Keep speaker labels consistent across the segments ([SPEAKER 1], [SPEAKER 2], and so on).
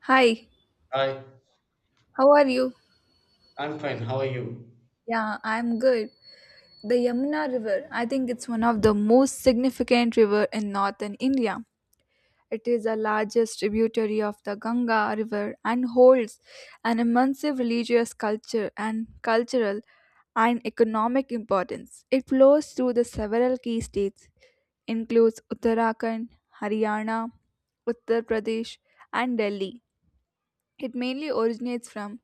[SPEAKER 1] Hi,
[SPEAKER 2] Hi,
[SPEAKER 1] how are you?
[SPEAKER 2] I'm fine. How are you?
[SPEAKER 1] Yeah, I'm good. The Yamuna River, I think it's one of the most significant river in northern India. It is the largest tributary of the Ganga River and holds an immense religious culture and cultural and economic importance. It flows through the several key states, includes Uttarakhand, Haryana, Uttar Pradesh, and Delhi. It mainly originates from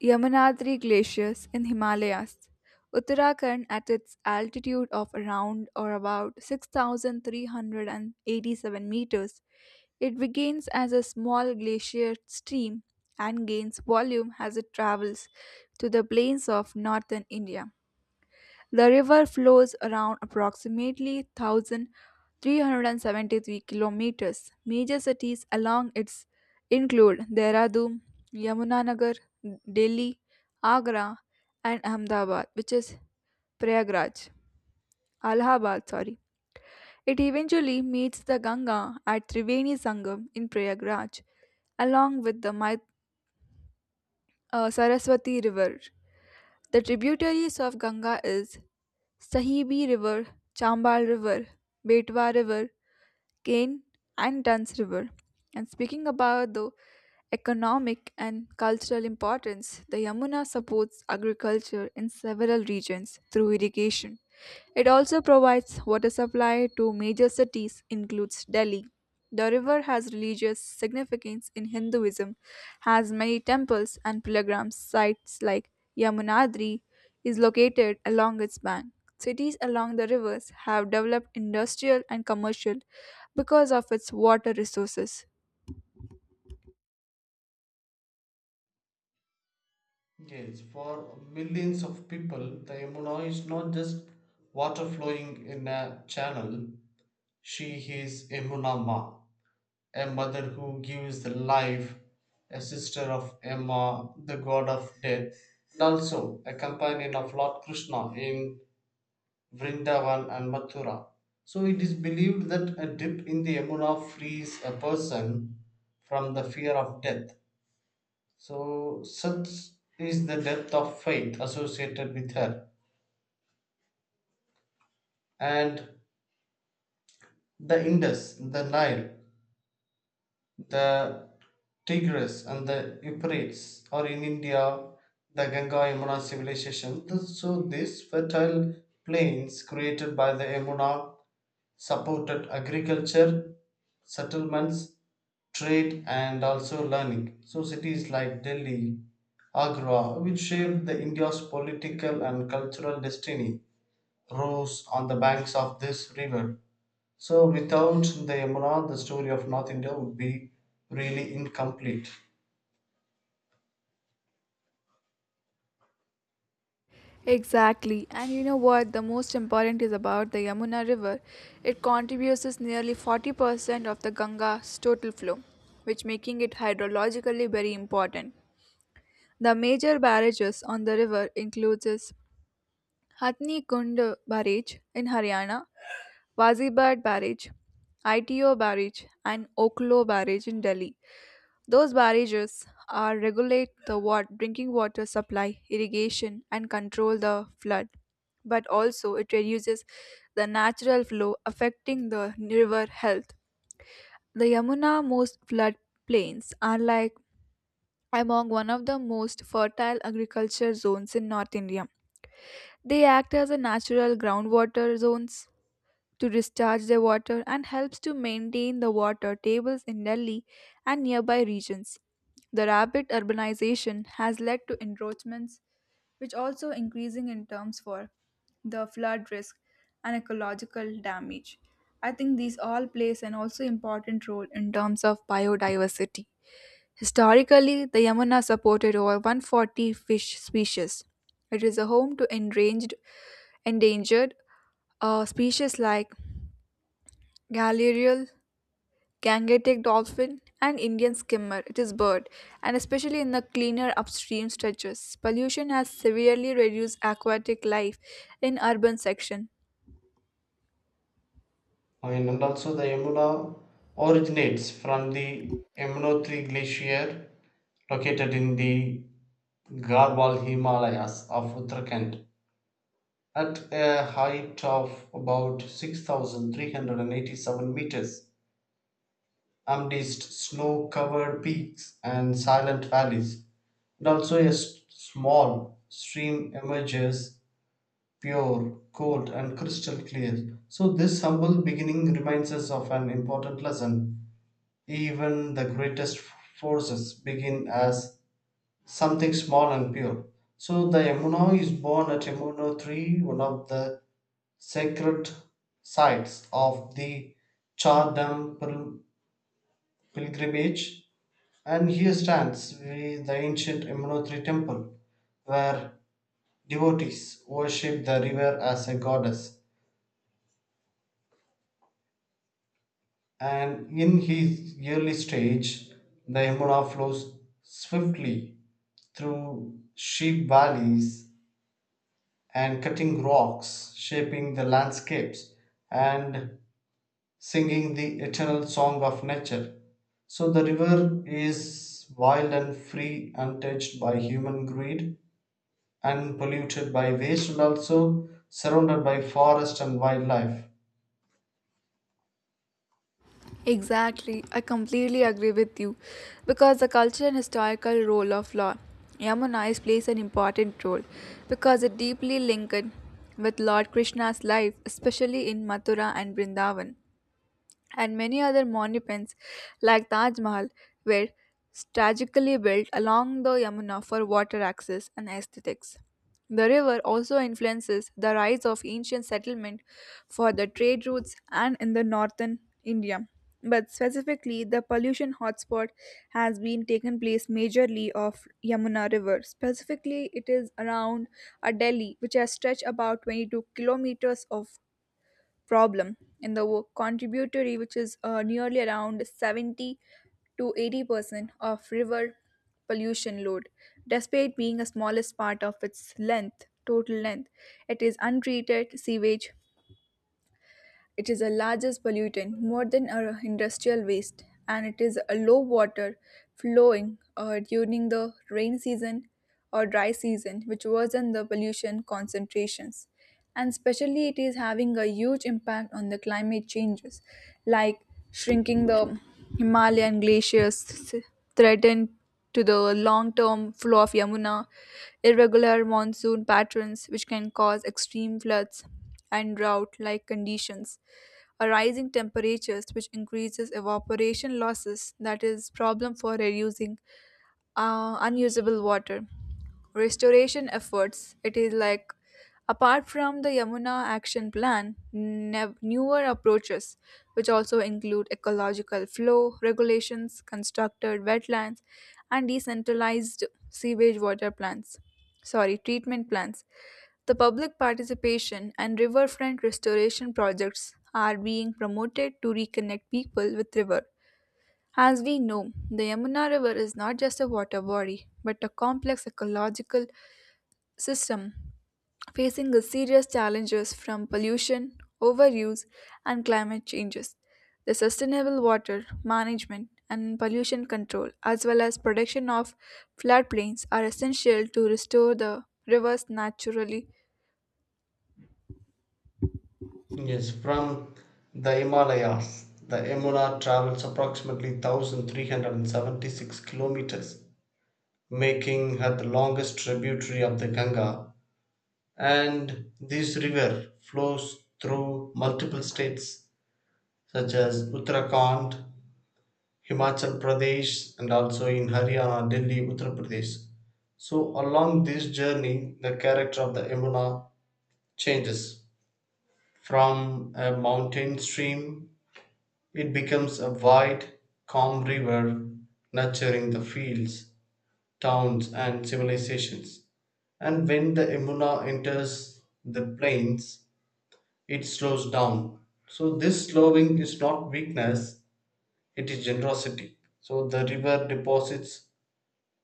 [SPEAKER 1] Yamunadri glaciers in Himalayas. Uttarakhand at its altitude of around or about 6,387 meters, it begins as a small glacier stream and gains volume as it travels to the plains of northern India. The river flows around approximately 1,373 kilometers. Major cities along its include Dehradun, Yamunanagar, Delhi, Agra, and Ahmedabad, which is Prayagraj, Allahabad, sorry. It eventually meets the Ganga at Triveni Sangam in Prayagraj, along with the Saraswati River. The tributaries of Ganga is Sahibi River, Chambal River, Betwa River, Kane and Duns River. And speaking about the economic and cultural importance, the Yamuna supports agriculture in several regions through irrigation. It also provides water supply to major cities includes Delhi, the river has religious significance in Hinduism, has many temples and pilgrim sites like Yamunadri is located along its bank. Cities along the rivers have developed industrial and commercial because of its water resources.
[SPEAKER 2] Yes, for millions of people, the Yamuna is not just water flowing in a channel. She is Yamuna Ma, a mother who gives the life, a sister of Emma, the god of death, and also a companion of Lord Krishna in Vrindavan and Mathura. So it is believed that a dip in the Yamuna frees a person from the fear of death. So, such is the depth of faith associated with her. And the Indus, the Nile, the Tigris, and the Euphrates, or in India, the Ganga Yamuna civilization. So, these fertile plains created by the Yamuna supported agriculture, settlements, trade, and also learning. So, cities like Delhi, Agra, which shaped the India's political and cultural destiny rose on the banks of this river. So, without the Yamuna, the story of North India would be really incomplete.
[SPEAKER 1] Exactly. And you know what? The most important is about the Yamuna River. It contributes is nearly 40% of the Ganga's total flow, which making it hydrologically very important. The major barrages on the river includes is Hathni Kund Barrage in Haryana, Wazirabad Barrage, ITO Barrage, and Oklo Barrage in Delhi. Those barrages are regulate the water, drinking water supply, irrigation, and control the flood. But also, it reduces the natural flow affecting the river health. The Yamuna most floodplains are like among one of the most fertile agriculture zones in North India. They act as a natural groundwater zones to discharge their water and helps to maintain the water tables in Delhi and nearby regions. The rapid urbanization has led to encroachments, which also increasing in terms for the flood risk and ecological damage. I think these all plays an also important role in terms of biodiversity. Historically, the Yamuna supported over 140 fish species. It is a home to enranged, endangered species like Galarial, Gangetic dolphin, and Indian skimmer, it is bird, and especially in the cleaner upstream stretches. Pollution has severely reduced aquatic life in urban section.
[SPEAKER 2] And also, the Yamuna originates from the Yamunotri glacier located in the Garhwal Himalayas of Uttarakhand at a height of about 6,387 meters, amidst snow covered peaks and silent valleys, and also a small stream emerges, pure, cold, and crystal clear. So, this humble beginning reminds us of an important lesson. Even the greatest forces begin as something small and pure. So, the Yamuna is born at Yamuna 3, one of the sacred sites of the Char Dham pil- pilgrimage, and here stands the ancient Yamunotri temple, where devotees worship the river as a goddess. And in his early stage, the Yamuna flows swiftly through sheep valleys and cutting rocks, shaping the landscapes and singing the eternal song of nature. So the river is wild and free, untouched by human greed, unpolluted by waste, and also surrounded by forest and wildlife.
[SPEAKER 1] Exactly, I completely agree with you because the cultural and historical role of law. Yamuna is plays an important role because it deeply linked with Lord Krishna's life, especially in Mathura and Vrindavan. And many other monuments like Taj Mahal were strategically built along the Yamuna for water access and aesthetics. The river also influences the rise of ancient settlement for the trade routes and in the northern India. But specifically, the pollution hotspot has been taken place majorly of Yamuna River. Specifically, it is around a Delhi, which has stretched about 22 kilometers of problem in the contributory, which is nearly around 70 to 80% of river pollution load. Despite being the smallest part of its length, total length, it is untreated sewage it is the largest pollutant, more than our industrial waste, and it is a low water flowing during the rain season or dry season, which worsen the pollution concentrations. And especially, it is having a huge impact on the climate changes, like shrinking the Himalayan glaciers, threatened to the long-term flow of Yamuna, irregular monsoon patterns, which can cause extreme floods and drought like conditions a rising temperatures which increases evaporation losses that is problem for reducing unusable water restoration efforts it is like apart from the yamuna action plan newer approaches which also include ecological flow regulations constructed wetlands and decentralized sewage water plants sorry treatment plants the public participation and riverfront restoration projects are being promoted to reconnect people with river. As we know, the Yamuna River is not just a water body, but a complex ecological system facing the serious challenges from pollution, overuse, and climate changes. The sustainable water management and pollution control, as well as protection of floodplains, are essential to restore the rivers naturally.
[SPEAKER 2] Yes, from the Himalayas, the Yamuna travels approximately 1,376 kilometers, making her the longest tributary of the Ganga. And this river flows through multiple states such as Uttarakhand, Himachal Pradesh, and also in Haryana, Delhi, Uttar Pradesh. So, along this journey, the character of the Yamuna changes. From a mountain stream, it becomes a wide, calm river, nurturing the fields, towns, and civilizations. And when the Yamuna enters the plains, it slows down. So, this slowing is not weakness, it is generosity. So, the river deposits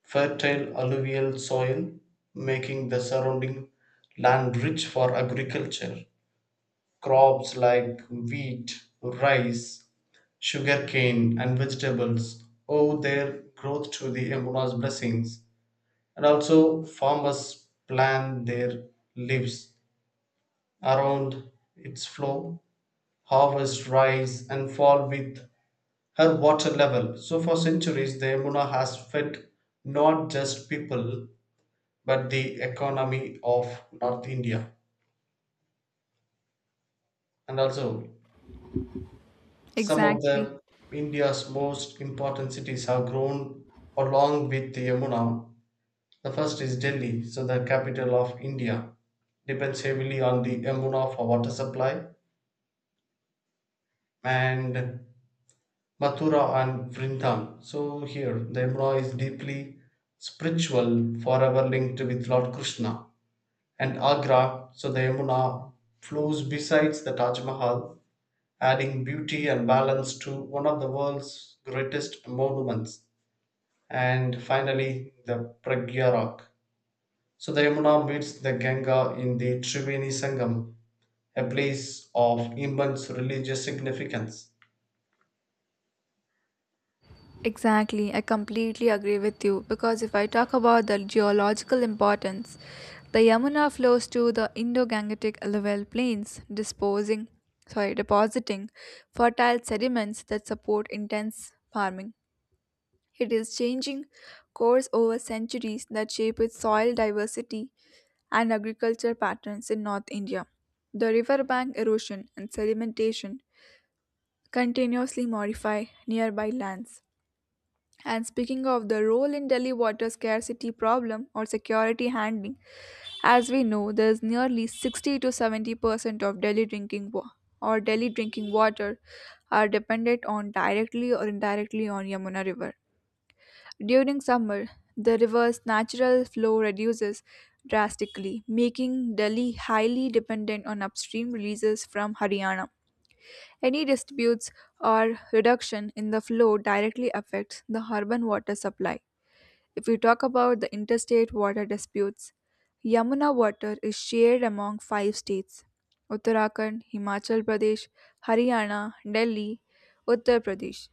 [SPEAKER 2] fertile alluvial soil, making the surrounding land rich for agriculture. Crops like wheat, rice, sugarcane, and vegetables owe their growth to the Emuna's blessings, and also farmers plant their lives around its flow, harvest rise, and fall with her water level. So, for centuries, the Emuna has fed not just people but the economy of North India, and also some of
[SPEAKER 1] Exactly.
[SPEAKER 2] the India's most important cities have grown along with the Yamuna. The first is Delhi, so the capital of India depends heavily on the Yamuna for water supply, and Mathura and Vrindam. So here the Yamuna is deeply spiritual, forever linked with Lord Krishna. And Agra, so the Yamuna flows besides the Taj Mahal, adding beauty and balance to one of the world's greatest monuments. And finally, the Pragya Rock. So the Yamuna meets the Ganga in the Triveni Sangam, a place of immense religious significance.
[SPEAKER 1] Exactly, I completely agree with you because if I talk about the geological importance, the Yamuna flows to the Indo-Gangetic level plains, disposing, sorry, depositing fertile sediments that support intense farming. It is changing course over centuries that shape its soil diversity and agriculture patterns in North India. The riverbank erosion and sedimentation continuously modify nearby lands and speaking of the role in Delhi water scarcity problem or security handling, as we know, there is nearly 60 to 70% of Delhi drinking or Delhi drinking water are dependent on directly or indirectly on Yamuna River. During summer, the river's natural flow reduces drastically, making Delhi highly dependent on upstream releases from Haryana. Any disputes or reduction in the flow directly affects the urban water supply. If we talk about the interstate water disputes, Yamuna water is shared among five states Uttarakhand, Himachal Pradesh, Haryana, Delhi, Uttar Pradesh.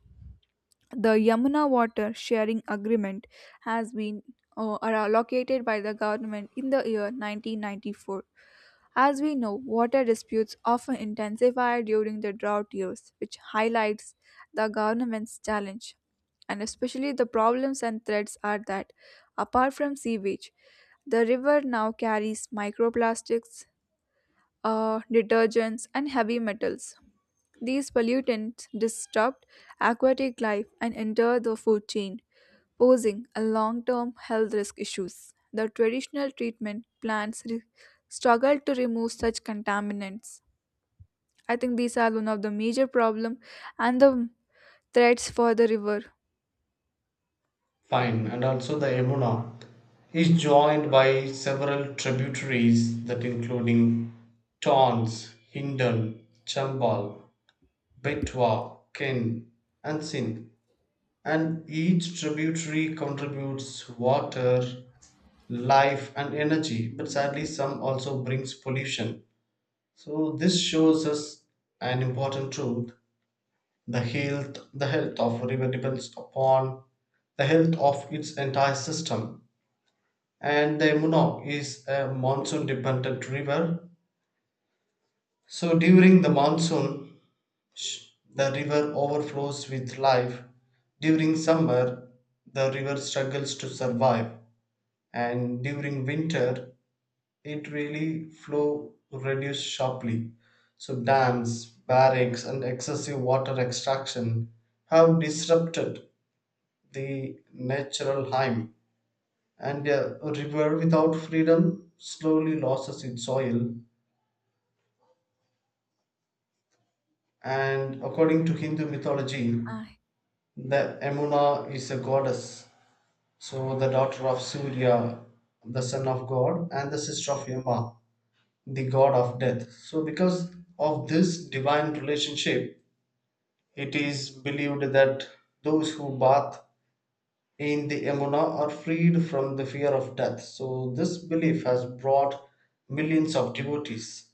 [SPEAKER 1] The Yamuna water sharing agreement has been are allocated by the government in the year 1994. As we know, water disputes often intensify during the drought years, which highlights the government's challenge and especially the problems and threats are that apart from sewage the river now carries microplastics detergents and heavy metals these pollutants disrupt aquatic life and enter the food chain posing a long-term health risk issues the traditional treatment plants struggle to remove such contaminants. I think these are one of the major problem and the threats for the river.
[SPEAKER 2] Fine, and also the Yamuna is joined by several tributaries that including Tons, Hindon, Chambal, Betwa, Ken, and Sindh. And each tributary contributes water, life, and energy, but sadly, some also brings pollution. So, this shows us an important truth: the health of a river depends upon the health of its entire system. And the Munok is a monsoon dependent river. So during the monsoon, sh- the river overflows with life. During summer, the river struggles to survive, and during winter it really flow reduced sharply. So dams, barracks, and excessive water extraction have disrupted the natural hymn, and a river without freedom slowly loses its soil. And according to Hindu mythology,
[SPEAKER 1] Uh,
[SPEAKER 2] the Emuna is a goddess, so the daughter of Surya, the son of god, and the sister of Yama, the god of death. So, because of this divine relationship, it is believed that those who bath in the Yamuna are freed from the fear of death. So, this belief has brought millions of devotees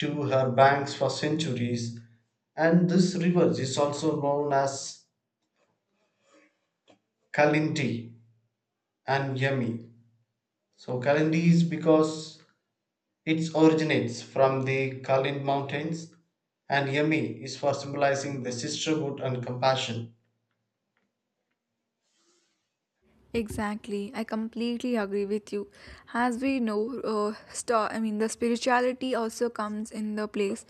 [SPEAKER 2] to her banks for centuries, and this river is also known as Kalindi and Yami. So, Kalindi is because it originates from the Kulin Mountains, and Yami is for symbolizing the sisterhood and compassion.
[SPEAKER 1] Exactly, I completely agree with you. As we know, the spirituality also comes in the place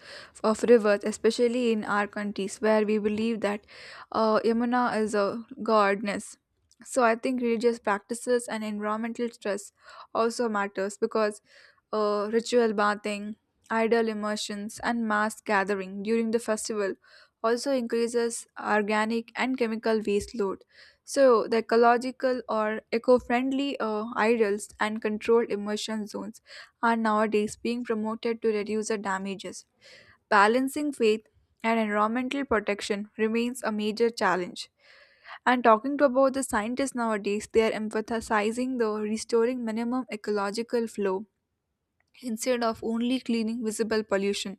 [SPEAKER 1] of rivers, especially in our countries where we believe that Yamuna is a goddess. So I think religious practices and environmental stress also matters because ritual bathing, idol immersions, and mass gathering during the festival also increases organic and chemical waste load so, the ecological or eco friendly ideals and controlled immersion zones are nowadays being promoted to reduce the damages. Balancing faith and environmental protection remains a major challenge. And talking to about the scientists nowadays, they are emphasizing the restoring minimum ecological flow instead of only cleaning visible pollution.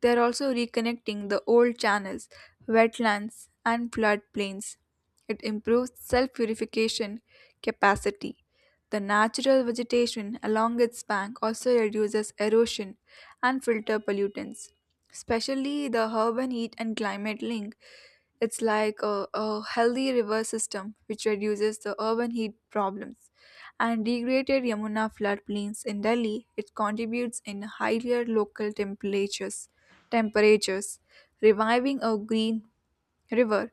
[SPEAKER 1] They are also reconnecting the old channels, wetlands, and floodplains. It improves self purification capacity. The natural vegetation along its bank also reduces erosion and filter pollutants. Especially the urban heat and climate link. It's like a healthy river system which reduces the urban heat problems and degraded Yamuna floodplains in Delhi, it contributes in higher local temperatures, temperatures, reviving a green river,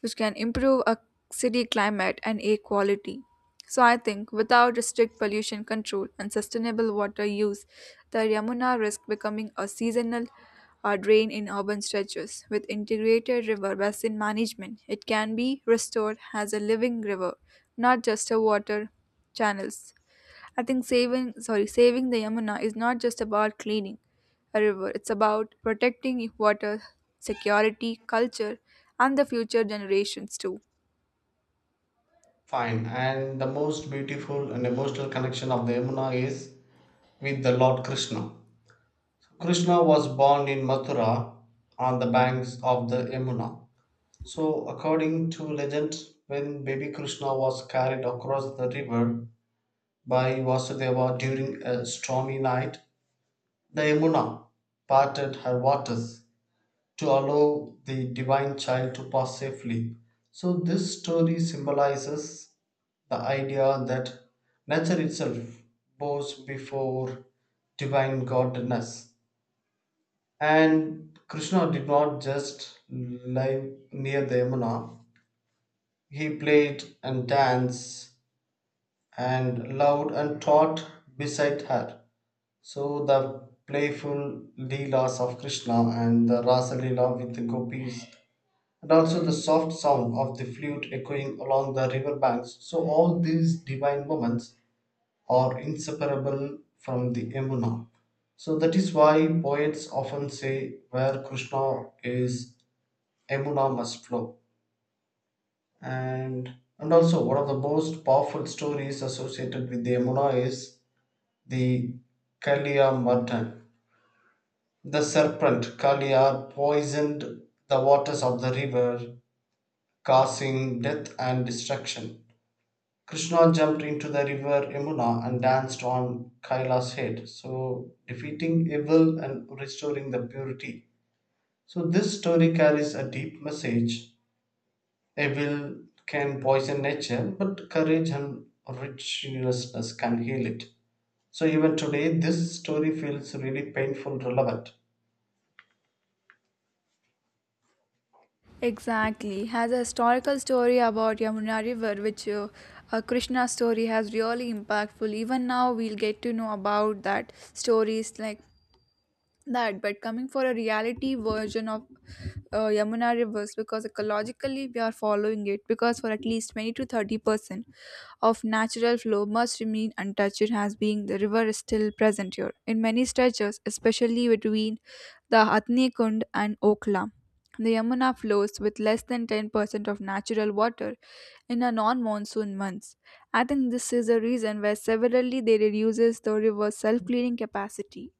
[SPEAKER 1] which can improve a city climate and air quality. So I think without strict pollution control and sustainable water use, the Yamuna risks becoming a seasonal drain in urban stretches. With integrated river basin management, it can be restored as a living river, not just a water channels. I think saving the Yamuna is not just about cleaning a river. It's about protecting water, security, culture, and the future generations too.
[SPEAKER 2] Fine, and the most beautiful and emotional connection of the Yamuna is with the Lord Krishna. Krishna was born in Mathura on the banks of the Yamuna. So, according to legend, when baby Krishna was carried across the river by Vasudeva during a stormy night, the Yamuna parted her waters to allow the divine child to pass safely. So, this story symbolizes the idea that nature itself bows before divine godness. And Krishna did not just live near the Yamuna, he played and danced and loved and taught beside her. So, the playful Leelas of Krishna and the Rasa Leela with the gopis, and also the soft sound of the flute echoing along the river banks. So, all these divine moments are inseparable from the Emuna. So, that is why poets often say, "Where Krishna is, Emuna must flow." And, and also, one of the most powerful stories associated with the Emuna is the Kalia Mardan. The serpent Kalia poisoned the waters of the river, causing death and destruction. Krishna jumped into the river Yamuna and danced on Kaila's head, so defeating evil and restoring the purity. So, this story carries a deep message. Evil can poison nature, but courage and righteousness can heal it. So, even today, this story feels really painful relevant.
[SPEAKER 1] Exactly, has a historical story about Yamuna River, which Krishna's story has really impactful. Even now, we'll get to know about that stories like that. But coming for a reality version of Yamuna rivers, because ecologically we are following it, because for at least 20 to 30% of natural flow must remain untouched as being the river is still present here in many stretches especially between the Atni Kund and Okla. The Yamuna flows with less than 10% of natural water in a non-monsoon months. I think this is a reason where severally they reduces the river's self-cleaning capacity.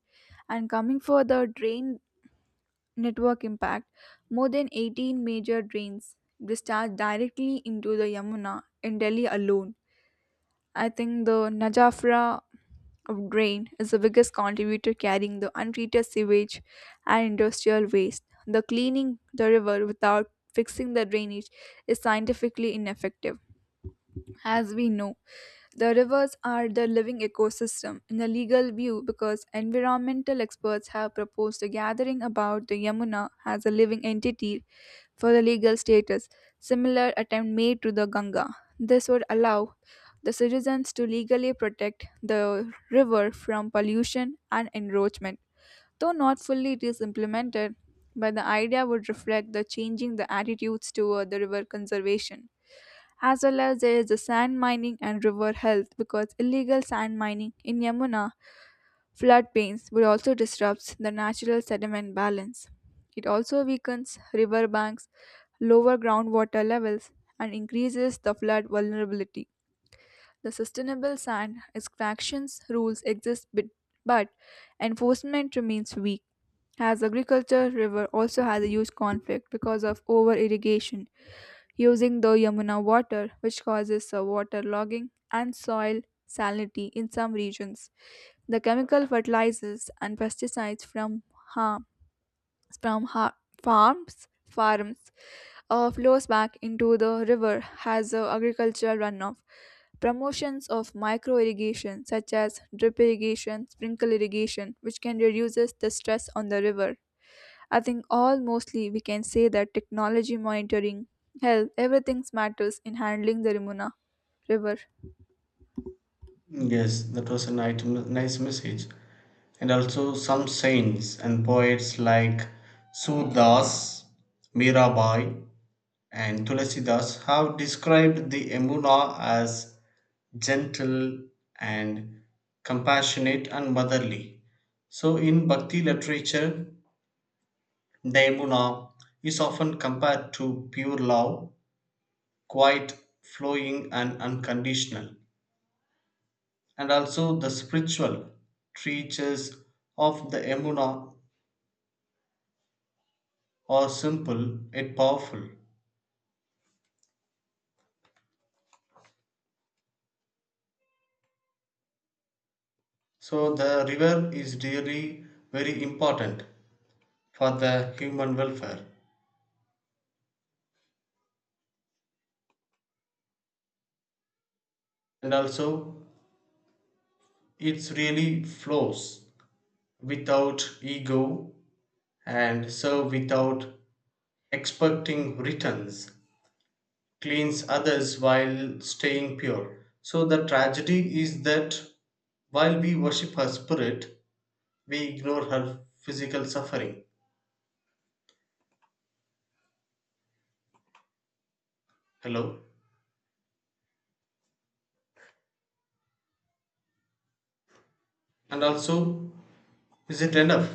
[SPEAKER 1] And coming for the drain network impact, more than 18 major drains discharge directly into the Yamuna in Delhi alone. I think the Najafra drain is the biggest contributor carrying the untreated sewage and industrial waste. The cleaning the river without fixing the drainage is scientifically ineffective. As we know, the rivers are the living ecosystem in a legal view because environmental experts have proposed a gathering about the Yamuna as a living entity for the legal status, similar attempt made to the Ganga. This would allow the citizens to legally protect the river from pollution and encroachment. Though not fully it is implemented, but the idea would reflect the changing the attitudes toward the river conservation. As well as there is the sand mining and river health because illegal sand mining in Yamuna floodplains would also disrupt the natural sediment balance. It also weakens river banks, lower groundwater levels, and increases the flood vulnerability. The sustainable sand extractions rules exist, but enforcement remains weak. As agriculture, river also has a huge conflict because of over irrigation using the Yamuna water, which causes waterlogging and soil salinity in some regions. The chemical fertilizers and pesticides from harm from ha- farms farms flows back into the river has agricultural runoff. Promotions of micro irrigation such as drip irrigation, sprinkle irrigation, which can reduces the stress on the river. I think all mostly we can say that technology monitoring, health, everything matters in handling the Rimuna river.
[SPEAKER 2] Yes, that was a nice message. And also, some saints and poets like Sudas, Mirabai, and Tulasidas have described the Emuna as gentle and compassionate and motherly. So, in Bhakti literature, the Emuna is often compared to pure love, quiet, flowing, and unconditional. And also, the spiritual treatise of the Emuna are simple yet powerful. So, the river is really very important for the human welfare, and also it really flows without ego, and so without expecting returns, cleans others while staying pure. So the tragedy is that while we worship her spirit, we ignore her physical suffering. Hello. And also, is it enough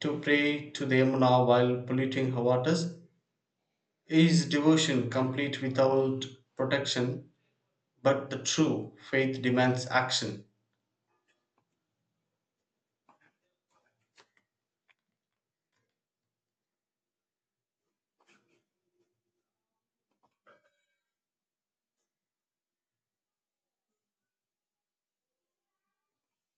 [SPEAKER 2] to pray to the Yamuna while polluting her waters? Is devotion complete without protection? But the true faith demands action.